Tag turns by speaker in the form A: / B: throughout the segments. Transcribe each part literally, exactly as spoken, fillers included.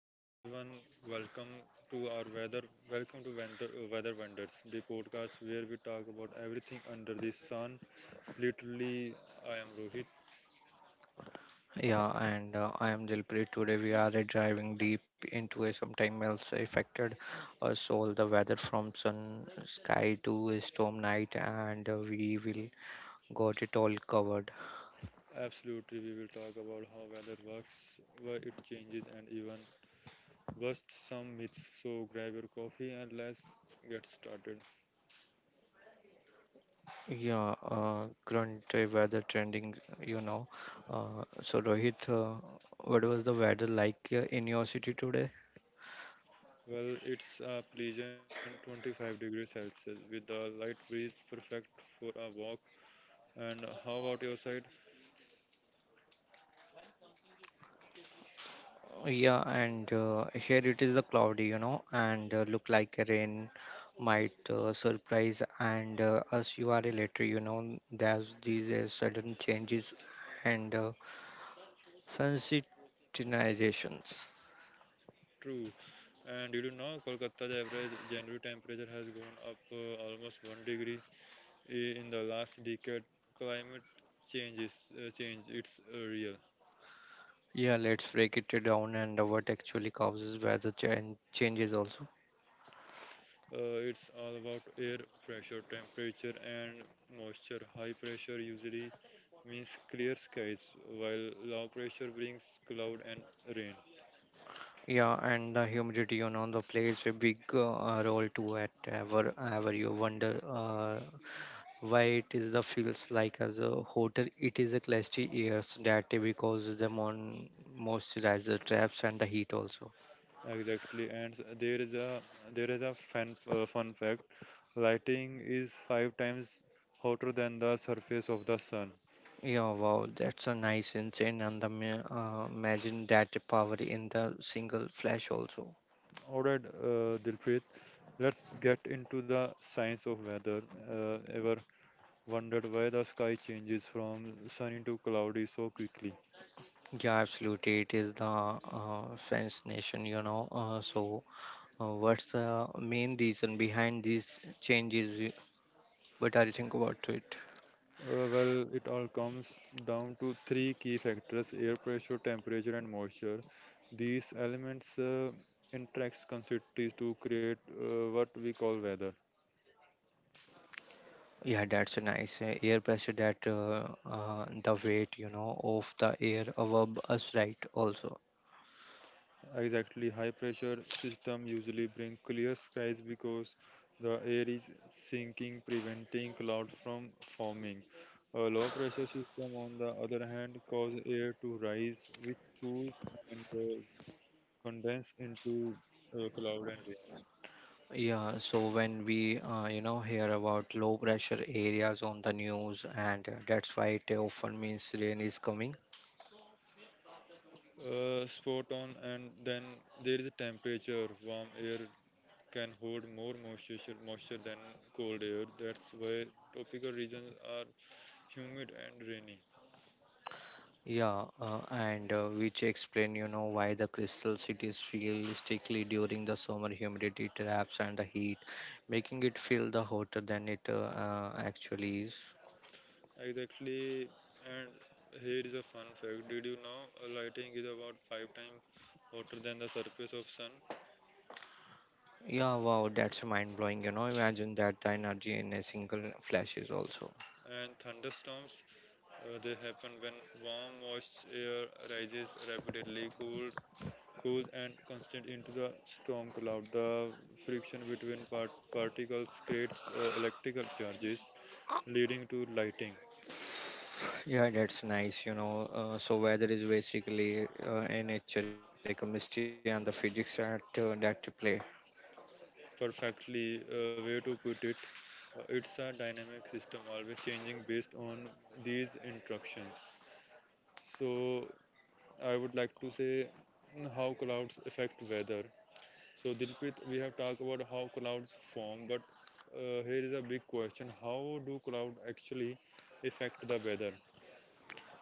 A: hello everyone. Welcome to our weather. Welcome to Wonder, uh, Weather Wonders, the podcast where we talk about everything under the sun. Literally, I am Rohit.
B: Yeah, and uh, I am Dilpreet. Today we are driving deep into a sometime else affected our soul, the weather from sun sky to a storm night, and uh, we will got it all covered.
A: Absolutely, we will talk about how weather works, why it changes, and even bust some myths. So, grab your coffee and let's get started.
B: Yeah, uh, current uh, weather trending, you know. Uh, so Rohit, uh, what was the weather like uh, in your city today?
A: Well, it's a pleasant twenty-five degrees Celsius with a light breeze, perfect for a walk. And how about your side?
B: Yeah, and uh, here it is the cloudy, you know, and uh, look like a rain might uh, surprise and uh, us you are a later, you know, there's these uh, sudden changes and uh, sensitizations.
A: True. And did you know Kolkata's average January temperature has gone up uh, almost one degree i- in the last decade? Climate change is uh, change. It's uh, real.
B: Yeah, let's break it down and uh, what actually causes weather change changes also.
A: Uh, it's all about air pressure, temperature, and moisture. High pressure usually means clear skies, while low pressure brings cloud and rain.
B: Yeah, and the humidity, you know, the plays a big uh, role too at ever, ever you wonder uh, why it is the feels like as a hotel it is a classy ears that because the mon- moisturizer traps and the heat also.
A: Exactly, and s- there is a there is a fun uh, fun fact. Lighting is five times hotter than the surface of the sun.
B: Yeah, wow, that's a nice insane and the ma- uh, imagine that power in the single flash also.
A: All right, uh, Dilpreet, let's get into the science of weather. Uh, ever wondered why the sky changes from sunny to cloudy so quickly?
B: Yeah, absolutely it is the uh, fence nation, you know uh, so uh, what's the main reason behind these changes y- what do you think about it?
A: Uh, well, it all comes down to three key factors: air pressure, temperature, and moisture. These elements uh, interact constantly to create uh, what we call weather.
B: Yeah, that's a nice uh, air pressure that uh, uh, the weight, you know, of the air above us, right? Also,
A: Exactly, high pressure system usually bring clear skies because the air is sinking, preventing clouds from forming. A low pressure system, on the other hand, cause air to rise, which cools and uh, condense into uh, cloud and rains.
B: yeah. So when we, uh, you know, hear about low pressure areas on the news, and uh, that's why it often means rain is coming.
A: Uh, spot on, and then there is a temperature. Warm air can hold more moisture, moisture than cold air. That's why tropical regions are humid and rainy.
B: Yeah, uh, and uh, which explain, you know, why the crystal cities feel sticky during the summer humidity traps and the heat, making it feel the hotter than it uh, uh, actually is.
A: Exactly, and here is a fun fact. Did you know uh, lightning is about five times hotter than the surface of sun?
B: Yeah, wow, that's mind blowing. You know, imagine that the energy in a single flash is also.
A: And thunderstorms, uh, they happen when warm, moist air rises rapidly, cooled, cools, and constant into the storm cloud. The friction between part- particles creates uh, electrical charges, leading to lightning.
B: Yeah, that's nice. You know, uh, so weather is basically uh, a nature, a chemistry, and the physics that uh, that play.
A: Perfectly, uh, way to put it. Uh, It's a dynamic system, always changing based on these interactions. So I would like to say mm, how clouds affect weather. So Dilpit, we have talked about how clouds form, but uh, here is a big question: how do clouds actually affect the weather?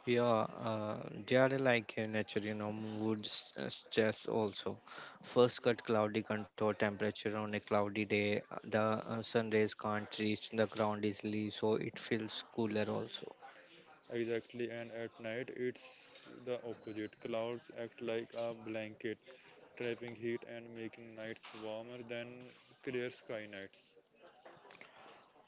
B: Yeah, uh, they are like a nature. You know, wood s- uh, stress also. First cut cloudy control temperature on a cloudy day. uh, The uh, sun rays can't reach the ground easily, so it feels cooler also.
A: Exactly, and at night it's the opposite. Clouds act like a blanket, trapping heat and making nights warmer than clear sky nights.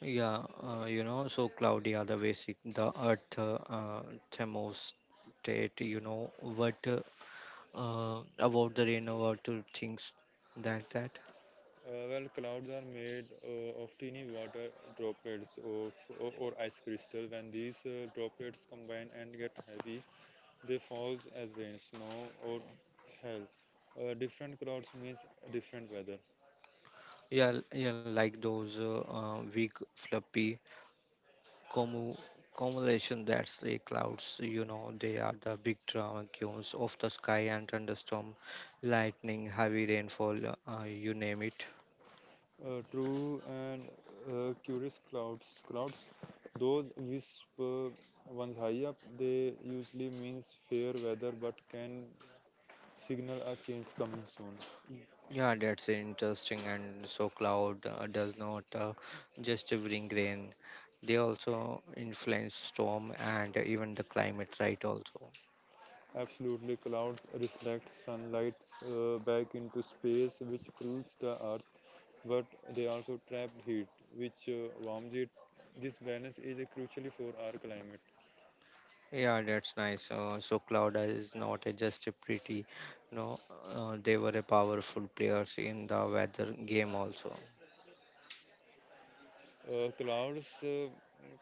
B: Yeah, uh, you know, so Claudia, the basic, the earth, uh, thermostat, you know, what uh, uh, about the rain, about to things that that.
A: Uh, well, clouds are made uh, of teeny water droplets of, or, or ice crystal. When these uh, droplets combine and get heavy, they fall as rain, snow, or hail. Uh, different clouds means different weather.
B: Yeah, l- yeah, like those uh, uh, weak, fluffy commu cumulation that's the clouds, you know, they are the big drama cones of the sky and thunderstorm, lightning, heavy rainfall, uh, you name it.
A: Uh, true, and uh, curious clouds. Clouds, those whisper ones high up, they usually means fair weather, but can signal a change coming soon.
B: Yeah, that's interesting. And so, cloud uh, does not uh, just bring rain; they also influence storm and even the climate, right? Also,
A: Absolutely, clouds reflect sunlight uh, back into space, which cools the earth, but they also trap heat, which uh, warms it. This balance is uh, crucial for our climate.
B: yeah, that's nice. Uh, so, cloud is not a just a pretty, no, uh, they were a powerful players in the weather game also.
A: Uh, clouds, uh,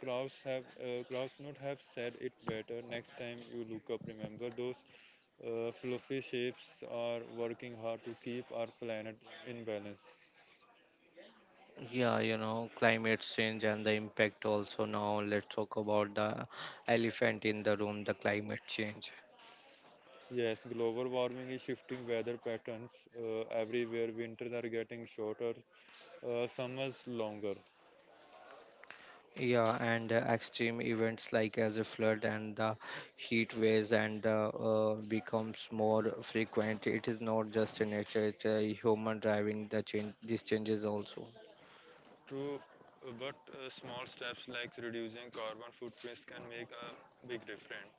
A: clouds have uh, Clouds not have said it better. Next time you look up, remember those uh, fluffy shapes are working hard to keep our planet in balance.
B: Yeah, you know, climate change and the impact also. Now, let's talk about the elephant in the room, the climate change.
A: Yes, global warming is shifting weather patterns uh, everywhere. Winters are getting shorter, uh, some is longer.
B: Yeah, and uh, extreme events like as a flood and the heat waves and uh, uh, becomes more frequent. It is not just in nature; it's a human driving the change. These changes also.
A: True, uh, but uh, small steps like reducing carbon footprints can make a big difference.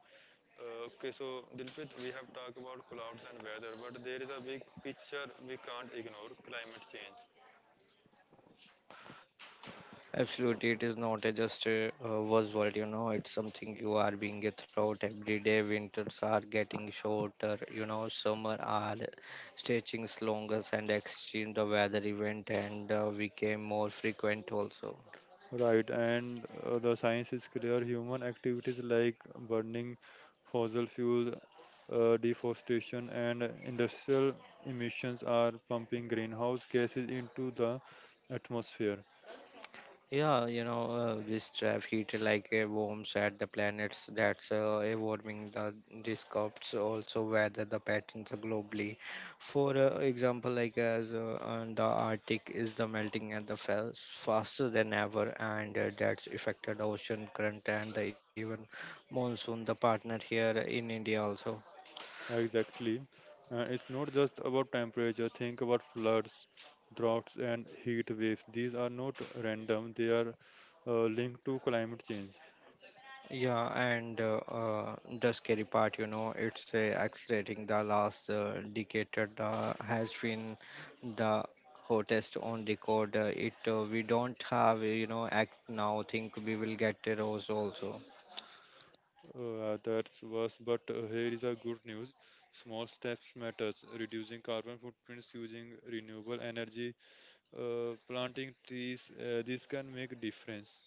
A: Uh, okay, so Dilpit, we have talked about clouds and weather, but there is a big picture we can't ignore: climate change.
B: Absolutely, it is not a just a uh, buzzword. You know, it's something you are being a throughout every day. Winters are getting shorter. You know, summer are stretching longer, and extreme the weather event and uh, became more frequent also.
A: Right, and uh, the science is clear: human activities like burning fossil fuel, uh, deforestation, and industrial emissions are pumping greenhouse gases into the atmosphere.
B: Yeah, you know, uh, this trap heat like uh, warms at the planets that's uh, a warming the disrupts also weather the patterns globally. For uh, example, like as uh, uh, the Arctic is the melting at the fast faster than ever, and uh, that's affected ocean current and the even monsoon. The partner here in India also.
A: Exactly. Uh, it's not just about temperature. Think about floods, droughts, and heat waves. These are not random, they are uh, linked to climate change.
B: Yeah, and uh, uh, the scary part, you know, it's uh, accelerating. The last uh, decade uh, has been the hottest on record. Uh, it uh, we don't have, you know, act now. Think we will get a rose also.
A: Uh, that's worse, but uh, here is a good news. Small steps matters. Reducing carbon footprints, using renewable energy, uh, planting trees, uh, this can make a difference.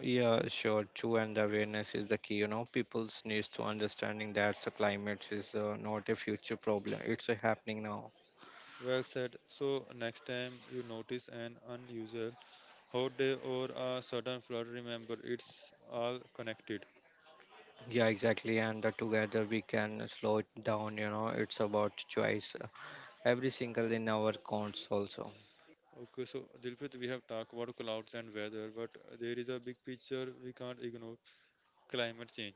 B: Yeah, sure. True, and the awareness is the key. You know, people needs to understanding that the climate is uh, not a future problem. It's uh, happening now.
A: Well said. So next time you notice an unusual hot day or a sudden flood, remember it's all connected.
B: Yeah, exactly. And uh, together we can slow it down. You know, it's about choice. Every single in our counts also.
A: Okay, so Dilpit, we have talked about clouds and weather, but there is a big picture we can't ignore: climate change,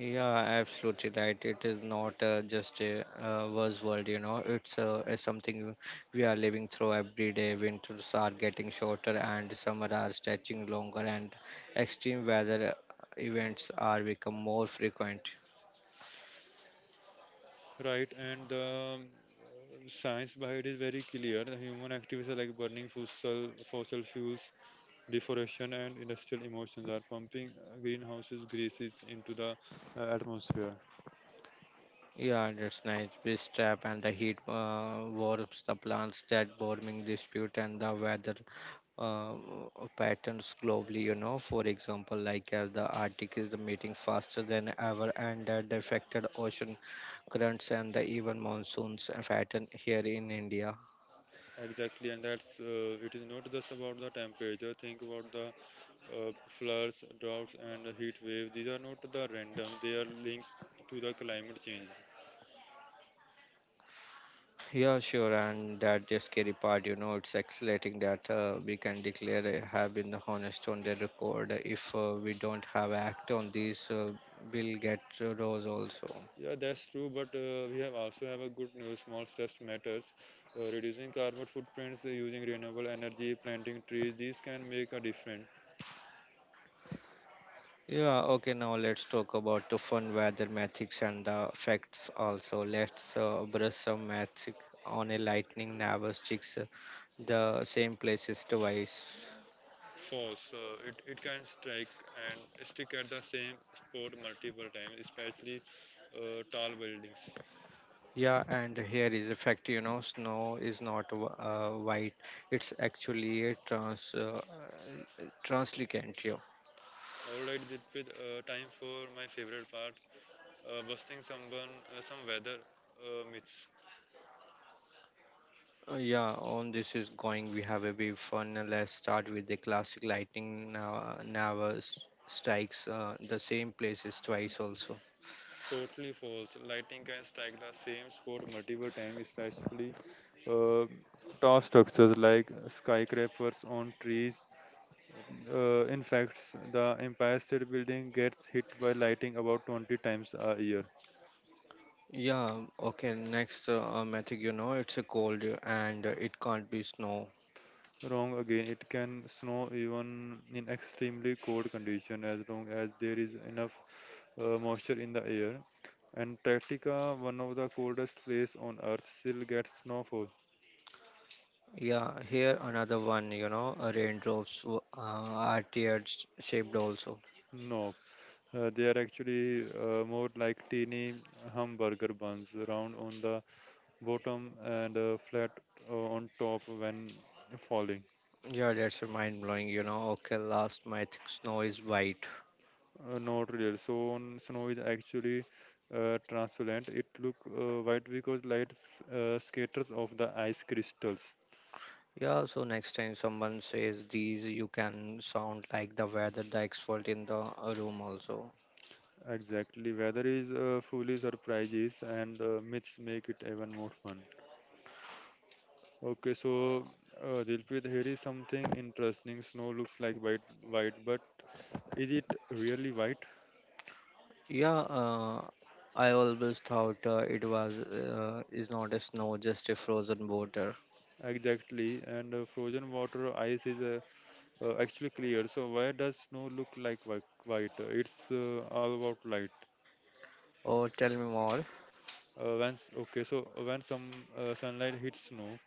B: Yeah, absolutely right, it is not uh, just a uh, buzzword, you know it's uh, a something we are living through every day. Winters are getting shorter and summer are stretching longer and extreme weather uh, events are become more frequent.
A: right? And the um, uh, science behind is very clear. The human activities are like burning fossil, fossil fuels, deforestation, and industrial emissions are pumping uh, greenhouses, gases into the uh, atmosphere.
B: Yeah, that's nice. This trap and the heat uh, warms the plants that warming dispute and the weather um, patterns globally. You know for example, like as the Arctic is the meeting faster than ever and that affected ocean currents and the even monsoons uh, pattern here in India.
A: Exactly, and that's uh, it is not just about the temperature. Think about the uh, floods, droughts, and the heat waves. These are not the random; they are linked to the climate change.
B: Yeah, sure, and that the scary part, you know it's accelerating, that uh, we can declare a have been honest on the record. If uh, we don't have act on these, uh, we'll get uh, rose also.
A: Yeah, that's true, but uh, we have also have a good news. Small steps matters. Uh, reducing carbon footprints, uh, using renewable energy, planting trees, these can make a difference.
B: Yeah, okay, now let's talk about the fun weather mathics and the facts also. Let's uh, brush some magic on a lightning nervous chicks, uh, the same places twice.
A: False. Uh, it, it can strike and stick at the same spot multiple times, especially uh, tall buildings.
B: Yeah, and here is a fact, you know, snow is not wh- uh, white. It's actually a trans uh, uh, translucent, yeah. Uh,
A: All right, Dilpit, uh, time for my favorite part, uh, busting someone, uh, some weather uh, myths.
B: Yeah, on this is going. We have a big fun. Uh, Let's start with the classic lightning nav- Navar strikes uh, the same places twice also.
A: Totally false. Lightning can strike the same spot multiple times, especially uh, tall structures like skyscrapers on trees. Uh, in fact, the Empire State Building gets hit by lightning about twenty times a year.
B: Yeah, okay, next uh, uh, method, you know, it's a cold uh, and uh, it can't be snow.
A: Wrong again, it can snow even in extremely cold conditions as long as there is enough uh, moisture in the air. Antarctica, one of the coldest places on Earth, still gets snowfall.
B: Yeah, here another one, you know, uh, raindrops w- uh, are tear sh- shaped also.
A: No, Uh, they are actually uh, more like teeny hamburger buns, round on the bottom and uh, flat uh, on top when falling.
B: Yeah, that's a mind blowing, you know. Okay, last method, snow is white.
A: Uh, not real. So on snow is actually uh, translucent. It look uh, white because light s- uh, scatters of the ice crystals.
B: Yeah, so next time someone says these, you can sound like the weather, the expert in the uh, room also.
A: Exactly. Weather is uh, fully surprises and uh, myths make it even more fun. Okay, so uh, Dilpreet, here is something interesting. Snow looks like white, white, but is it really white?
B: Yeah, uh, I always thought uh, it was uh, is not a snow, just a frozen water.
A: Exactly. And uh, frozen water ice is uh, uh, actually clear. So why does snow look like whi- white? Uh, It's uh, all about light.
B: Oh, tell me more.
A: Uh, when s- okay, so when some uh, sunlight hits snow,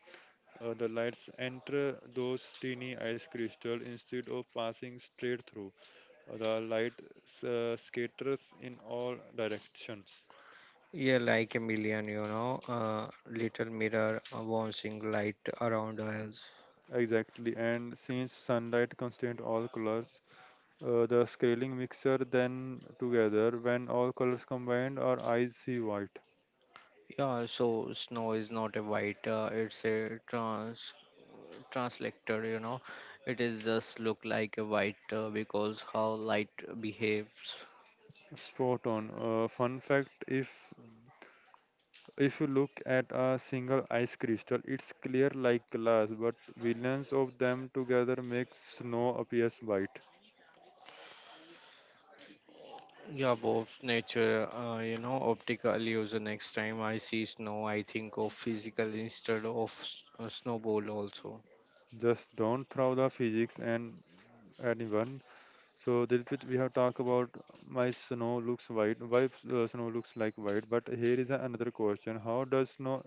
A: uh, the lights enter those teeny ice crystals instead of passing straight through. Uh, The light s- uh, scatters in all directions.
B: Yeah, like a million, you know, uh, little mirror uh, bouncing light around us.
A: Exactly, and since sunlight contains all colors, uh, the scaling mixer then together. When all colors combined, our eyes see white.
B: Yeah, so snow is not a white, uh, it's a trans translator, you know. It is just look like a white uh, because how light behaves.
A: Spot on. Uh, fun fact: if if you look at a single ice crystal, it's clear like glass, but billions of them together make snow appears white.
B: Yeah, both nature, uh, you know, optical illusion. Next time I see snow, I think of physical instead of s- uh, snowball also.
A: Just don't throw the physics and anyone. So Dilpit, we have talked about my snow looks white, why uh, snow looks like white, but here is another question: how does snow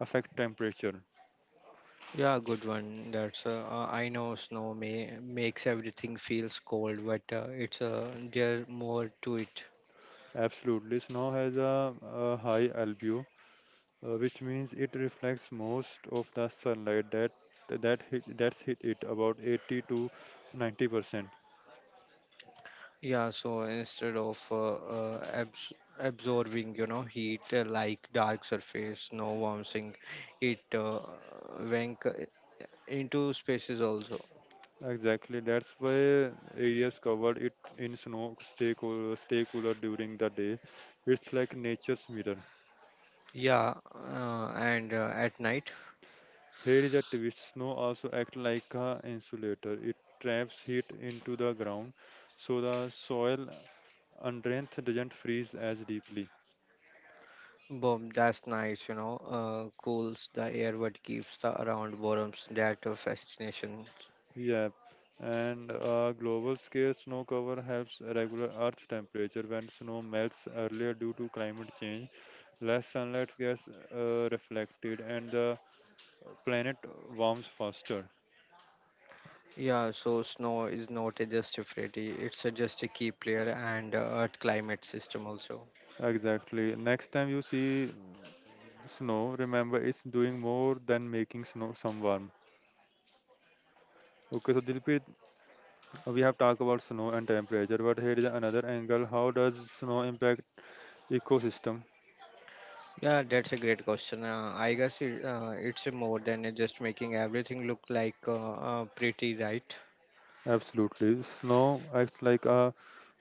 A: affect temperature?
B: Yeah, good one. That's uh, uh, I know snow may makes everything feels cold, but uh, it's uh, there more to it.
A: Absolutely. Snow has a, a high albedo, uh, which means it reflects most of the sunlight that that hit, that's hit it, about eighty to ninety percent.
B: Yeah, so instead of uh, uh, abs absorbing, you know, heat uh, like dark surface, snow warms in- it uh, went uh, into spaces also.
A: Exactly. That's why areas covered it in snow stay cool, stay cooler during the day. It's like nature's mirror.
B: Yeah, uh, and uh, at night.
A: Here is a twist. Snow also acts like a insulator. It traps heat into the ground, so the soil underneath doesn't freeze as deeply.
B: Boom, that's nice, you know, uh, cools the air but keeps the around warms that uh, fascination.
A: Yeah, and uh, global scale snow cover helps regulate Earth's temperature. When snow melts earlier due to climate change, less sunlight gets uh, reflected, and the planet warms faster.
B: Yeah, so snow is not a just a pretty, it's a just a key player and uh, earth climate system also.
A: Exactly. Next time you see snow, remember it's doing more than making snow some warm. Okay, so Dilpreet, we have talked about snow and temperature, but here is another angle. How does snow impact ecosystem?
B: Yeah, that's a great question. Uh, I guess it, uh, it's a more than a just making everything look like uh, uh, pretty, right?
A: Absolutely. Snow acts like a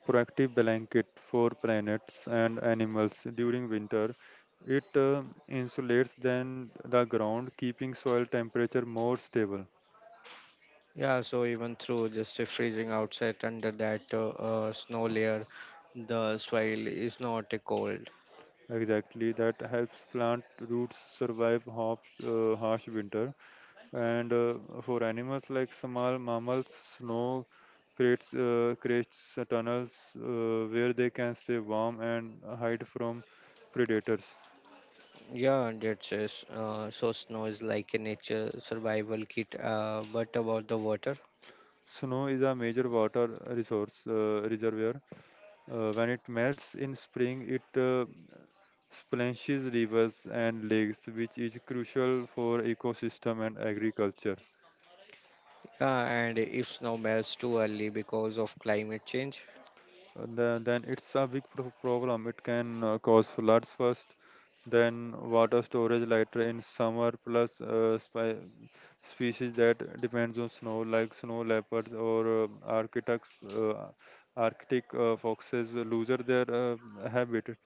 A: proactive blanket for planets and animals during winter. It uh, insulates then the ground, keeping soil temperature more stable.
B: Yeah, so even through just a freezing outside under that uh, uh, snow layer, the soil is not a cold.
A: Exactly, that helps plant roots survive harsh, uh, harsh winter. And uh, for animals like small mammals, snow creates uh, creates tunnels uh, where they can stay warm and hide from predators.
B: Yeah, that's it. Uh, so snow is like a nature survival kit. Uh, but about the water?
A: Snow is a major water resource uh, reservoir. Uh, when it melts in spring, it uh, splashes rivers and lakes, which is crucial for ecosystem and agriculture.
B: Yeah, and if snow melts too early because of climate change,
A: Uh, the- then it's a big pro- problem. It can uh, cause floods first, then water storage later in summer, plus uh, spe- species that depends on snow, like snow leopards or uh, Arctic, uh, Arctic uh, foxes, lose their uh, habitat.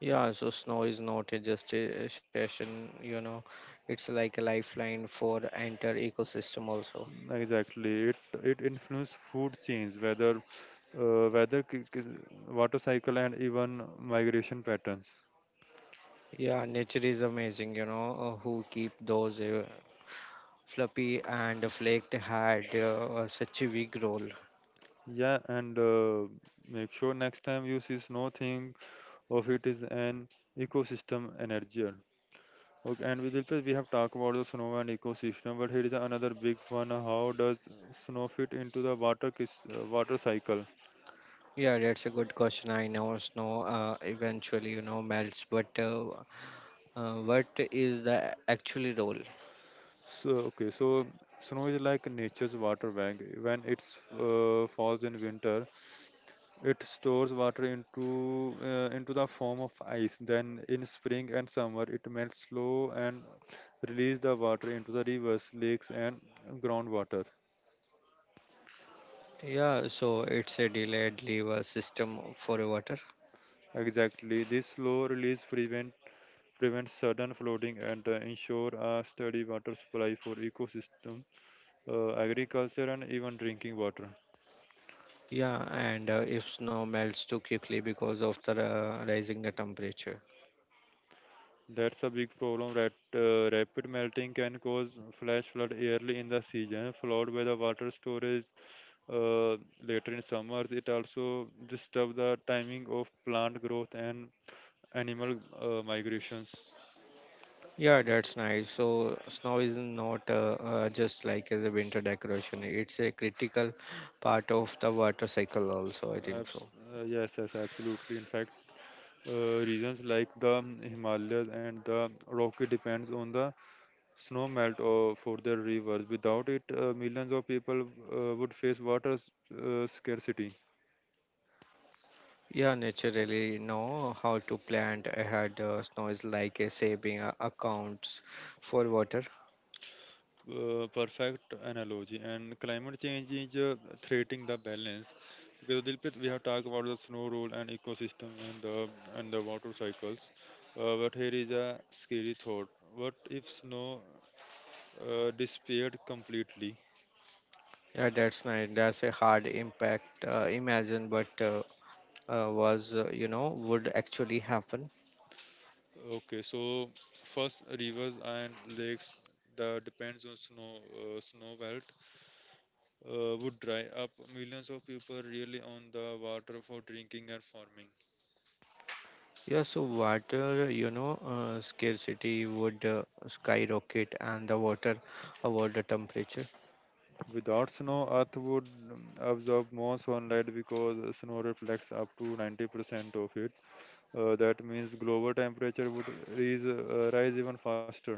B: yeah, so snow is not a just a session, you know, it's like a lifeline for entire ecosystem also.
A: Exactly. It it influences food chains, whether uh, weather, ki- ki- water cycle, and even migration patterns.
B: Yeah, nature is amazing, you know, uh, who keep those uh, fluffy and flaked had uh, uh, such a big role.
A: Yeah, and uh, make sure next time you see snow, think of it as an ecosystem energy. Okay, and with Dilpreet, we have talked about the snow and ecosystem, but here is another big one. How does snow fit into the water kis- uh, water cycle?
B: Yeah, that's a good question. I know snow uh, eventually, you know, melts, but uh, uh, what is the actual role?
A: So okay, so snow is like nature's water bag. When it's uh, falls in winter, it stores water into uh, into the form of ice. Then in spring and summer, it melts slow and release the water into the rivers, lakes, and groundwater.
B: Yeah, so it's a delayed lever system for water.
A: Exactly, this slow release prevent prevents sudden flooding and uh, ensure a steady water supply for ecosystem, uh, agriculture, and even drinking water.
B: Yeah, and uh, if snow melts too quickly because of the uh, rising the temperature.
A: That's a big problem. That uh, rapid melting can cause flash flood early in the season, followed by the water storage uh, later in summers. It also disturbs the timing of plant growth and animal uh, migrations.
B: Yeah, that's nice. So snow is not uh, uh, just like as a winter decoration. It's a critical part of the water cycle also, I think
A: Abs-
B: so.
A: uh, yes, yes, absolutely. In fact, uh, regions like the Himalayas and the Rocky depends on the snow melt uh, for their rivers. Without it, uh, millions of people uh, would face water s- uh, scarcity.
B: Yeah, naturally know how to plant ahead. Uh, snow is like a saving uh, accounts for water.
A: Uh, perfect analogy. And climate change is uh, threatening the balance. Because Dilpit, we have talked about the snow rule and ecosystem and the and the water cycles. Uh, but here is a scary thought. What if snow uh, disappeared completely?
B: Yeah, that's nice. That's a hard impact. Uh, imagine, but uh, uh, was uh, you know would actually happen.
A: Okay, so first rivers and lakes that depends on snow uh, snow melt uh, would dry up. Millions of people really on the water for drinking and farming.
B: Yeah, so water, you know uh, scarcity would uh, skyrocket and the water about the temperature.
A: Without snow, Earth would um, absorb more sunlight because snow reflects up to ninety percent of it. Uh, that means global temperature would rise, uh, rise even faster.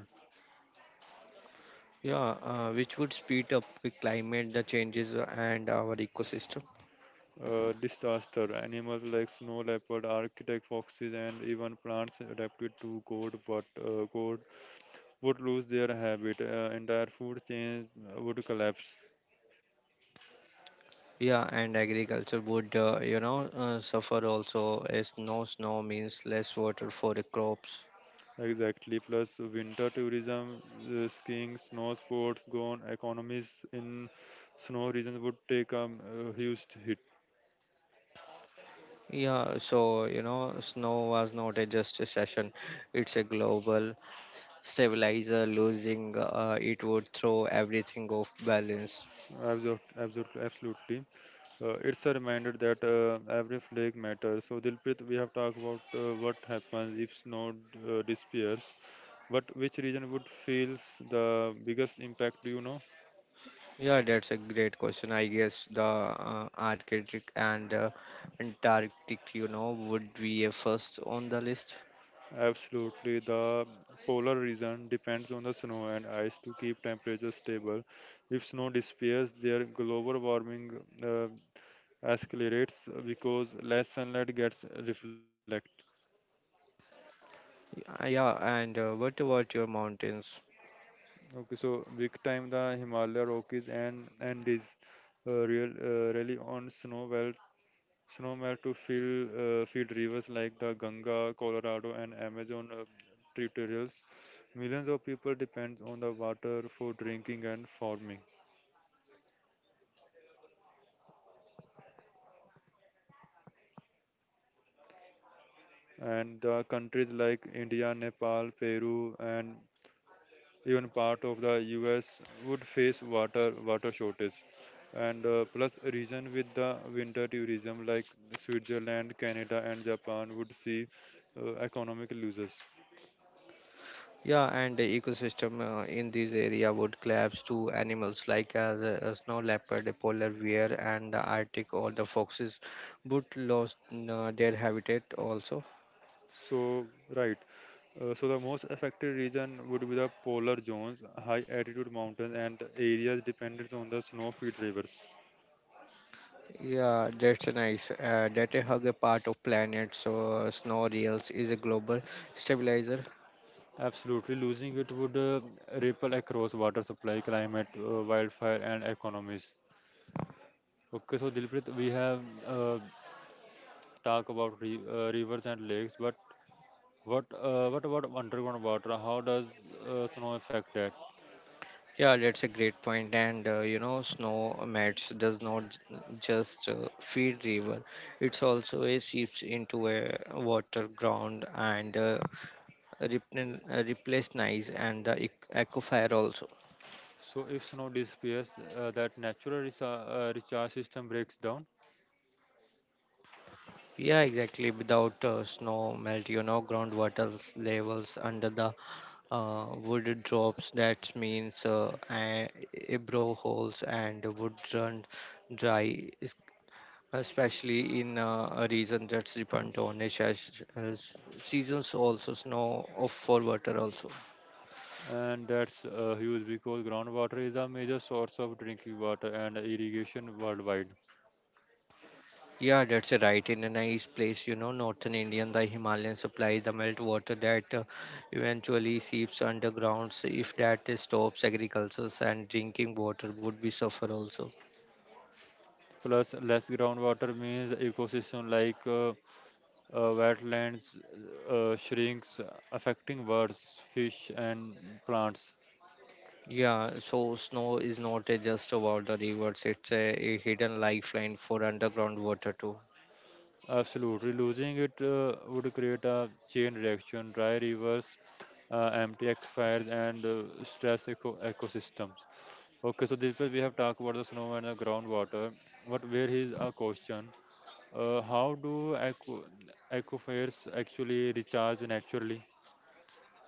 B: Yeah, uh, which would speed up the climate the changes uh, and our ecosystem.
A: Uh, disaster. Animals like snow leopard, arctic foxes, and even plants adapted to cold, but uh, cold would lose their habit. Uh, entire food chains would collapse.
B: Yeah, and agriculture would uh, you know uh, suffer also as no snow means less water for the crops.
A: Exactly. Plus, winter tourism, uh, skiing, snow sports, gone. Economies in snow regions would take a, uh huge hit.
B: Yeah, so you know snow was not a just a session, it's a global stabilizer, losing uh, it would throw everything off balance.
A: Absolute, absolute, absolutely. Uh, it's a reminder that uh, every flake matters. So, Dilprit, we have talked about uh, what happens if snow uh, disappears. But which region would feel the biggest impact? Do you know?
B: Yeah, that's a great question. I guess the uh, Arctic and uh, Antarctic, you know would be a first on the list.
A: Absolutely. The polar region depends on the snow and ice to keep temperatures stable. If snow disappears, their global warming uh, escalates because less sunlight gets reflected.
B: Uh, yeah, and uh, what about your mountains?
A: Okay, so big time the Himalaya Rockies and Andes uh, real, uh, really on snow melt, snow melt to fill uh, field rivers like the Ganga, Colorado, and Amazon uh, tributaries. Millions of people depend on the water for drinking and farming. And the countries like India, Nepal, Peru, and even part of the U S would face water water shortage. And uh, plus, region with the winter tourism like Switzerland, Canada, and Japan would see uh, economic losses.
B: Yeah, and the ecosystem uh, in this area would collapse to animals like as a, a snow leopard, a polar bear, and the Arctic or the foxes would lose uh, their habitat also.
A: So, right. Uh, so the most affected region would be the polar zones, high altitude mountains, and areas dependent on the snow-fed rivers.
B: Yeah, that's nice. Uh, that a hug a part of planet, so uh, snow reels is a global stabilizer.
A: Absolutely, losing it would uh, ripple across water supply, climate, uh, wildfire, and economies. Okay, so Dilpreet, we have uh, talked about re- uh, rivers and lakes, but what uh, what about underground water? How does uh, snow affect that?
B: Yeah, that's a great point. And uh, you know, snow mats does not j- just uh, feed river; it's also a seeps into a water ground and uh, replen- uh, replace nice and the ec- aquifer also.
A: So if snow disappears, uh, that natural resa- uh, recharge system breaks down,
B: Yeah, exactly. Without uh, snow melt, you know, groundwater levels under the uh, wood drops that means uh, a a brow holes and wood run dry es- especially in uh, a region that's dependent on a seas- uh, seasons also snow of for water also.
A: and that's uh, huge because groundwater is a major source of drinking water and irrigation worldwide.
B: Yeah, that's right in a nice place, you know Northern Indian the Himalayan supply the melt water that uh, eventually seeps underground. So if that stops, agriculture and drinking water would be suffer also.
A: Plus, less groundwater means ecosystem like uh, uh, wetlands uh, shrinks, affecting birds, fish, and plants.
B: Yeah, so snow is not a just about the rivers, it's a, a hidden lifeline for underground water too.
A: Absolutely, losing it uh, would create a chain reaction, dry rivers, uh, empty aquifers, and uh, stress eco- ecosystems. Okay, so this way we have talked about the snow and the groundwater, but where is a question? Uh, how do aqu- aquifers actually recharge naturally?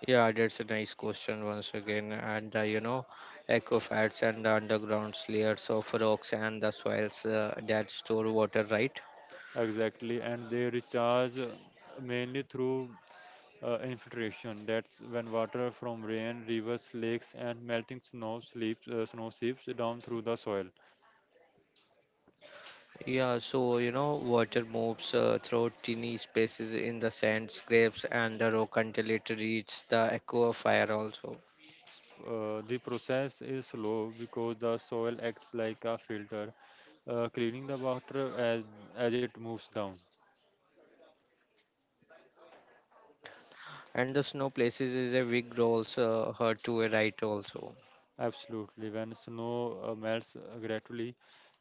B: Yeah, that's a nice question once again. And uh, you know, aquifers and the underground layers of rocks and the soils uh, that store water, right?
A: Exactly, and they recharge uh, mainly through uh, infiltration. That's when water from rain, rivers, lakes, and melting snow slips, uh, snow seeps down through the soil.
B: Yeah, so you know, water moves uh, through tiny spaces in the sand scrapes and the rock until it reaches the aquifer also.
A: S- Uh, the process is slow because the soil acts like a filter, uh, cleaning the water as as it moves down.
B: And the snow places is a big role, uh, her to a right also.
A: Absolutely, when snow uh, melts uh, gradually,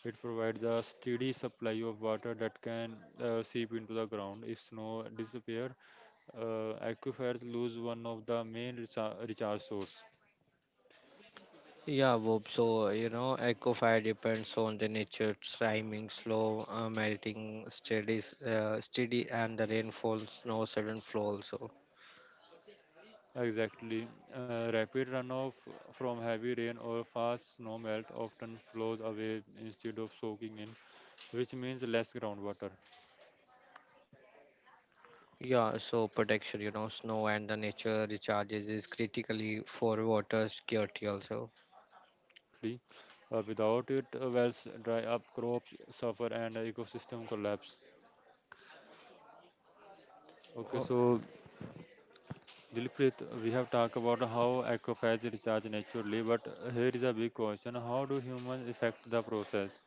A: it provides a steady supply of water that can uh, seep into the ground. If snow disappears, uh, aquifers lose one of the main recha- recharge source.
B: Yeah, Bob. So, you know, eco fire depends on the nature, timing, slow uh, melting, steady, s- uh, steady, and the rainfall, snow, sudden flow also.
A: Exactly. Uh, rapid runoff from heavy rain or fast snowmelt often flows away instead of soaking in, which means less groundwater.
B: Yeah, so protection, you know, snow and the nature recharges is critically for water security also.
A: Uh, absolutely. Uh, without it, uh, wells dry up, crops suffer, and ecosystem collapse. Okay, so Dilpreet, we have talked about how aquifers recharge naturally, but here is a big question: How do humans affect the process?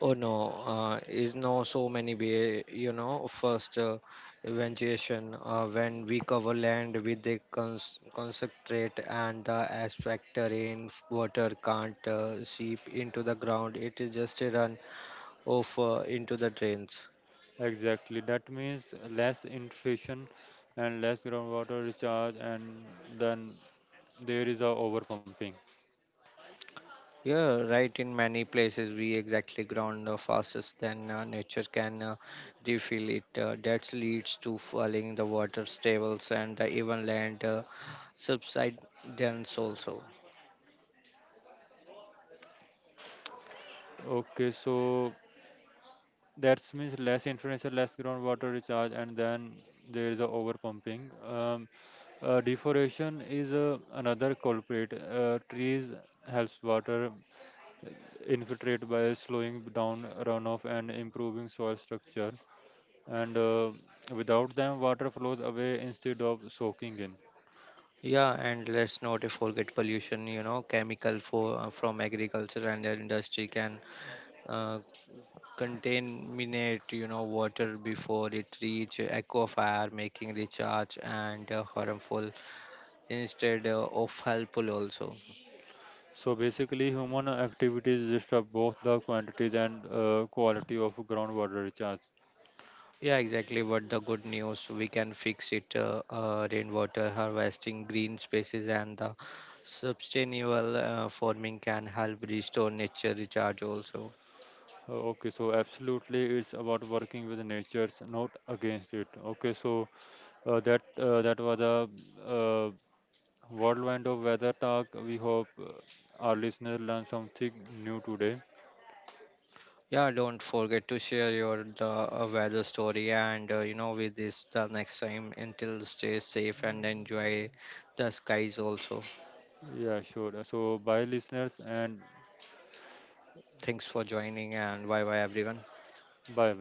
B: Oh no, uh, is no so many way, you know, first uh, evangelization uh, when we cover land with the cons- concentrate and the aspect rain water can't uh, seep into the ground. It is just a run off uh, into the drains.
A: Exactly. That means less infiltration and less groundwater recharge, and then there is a overpumping.
B: Yeah, right. In many places, we exactly ground uh, fastest than uh, nature can uh, refill it. Uh, that leads to falling the water tables and uh, even land uh, subsidence also.
A: Okay, so that means less infiltration, less groundwater recharge, and then there is a overpumping. Um, uh, Deforestation is uh, another culprit. Uh, trees helps water uh, infiltrate by slowing down runoff and improving soil structure. And uh, without them, water flows away instead of soaking in.
B: Yeah, and let's not forget pollution. You know, chemical for uh, from agriculture and the industry can uh, contaminate, you know water before it reach aquifer, making recharge and uh, harmful instead uh, of helpful also.
A: So basically, human activities disturb both the quantities and uh, quality of groundwater recharge.
B: Yeah, exactly. What the good news we can fix it. Uh, uh, rainwater harvesting, green spaces, and the sustainable uh, farming can help restore nature recharge also.
A: Uh, Okay, so absolutely, it's about working with nature, not against it. Okay, so uh, that uh, that was a uh, whirlwind of weather talk. We hope uh, our listeners learn something new today.
B: Yeah, don't forget to share your the uh, weather story and uh, you know with this the next time until stay safe and enjoy the skies also.
A: Yeah, sure. So bye, listeners, and
B: Thanks for joining and bye bye everyone.
A: bye.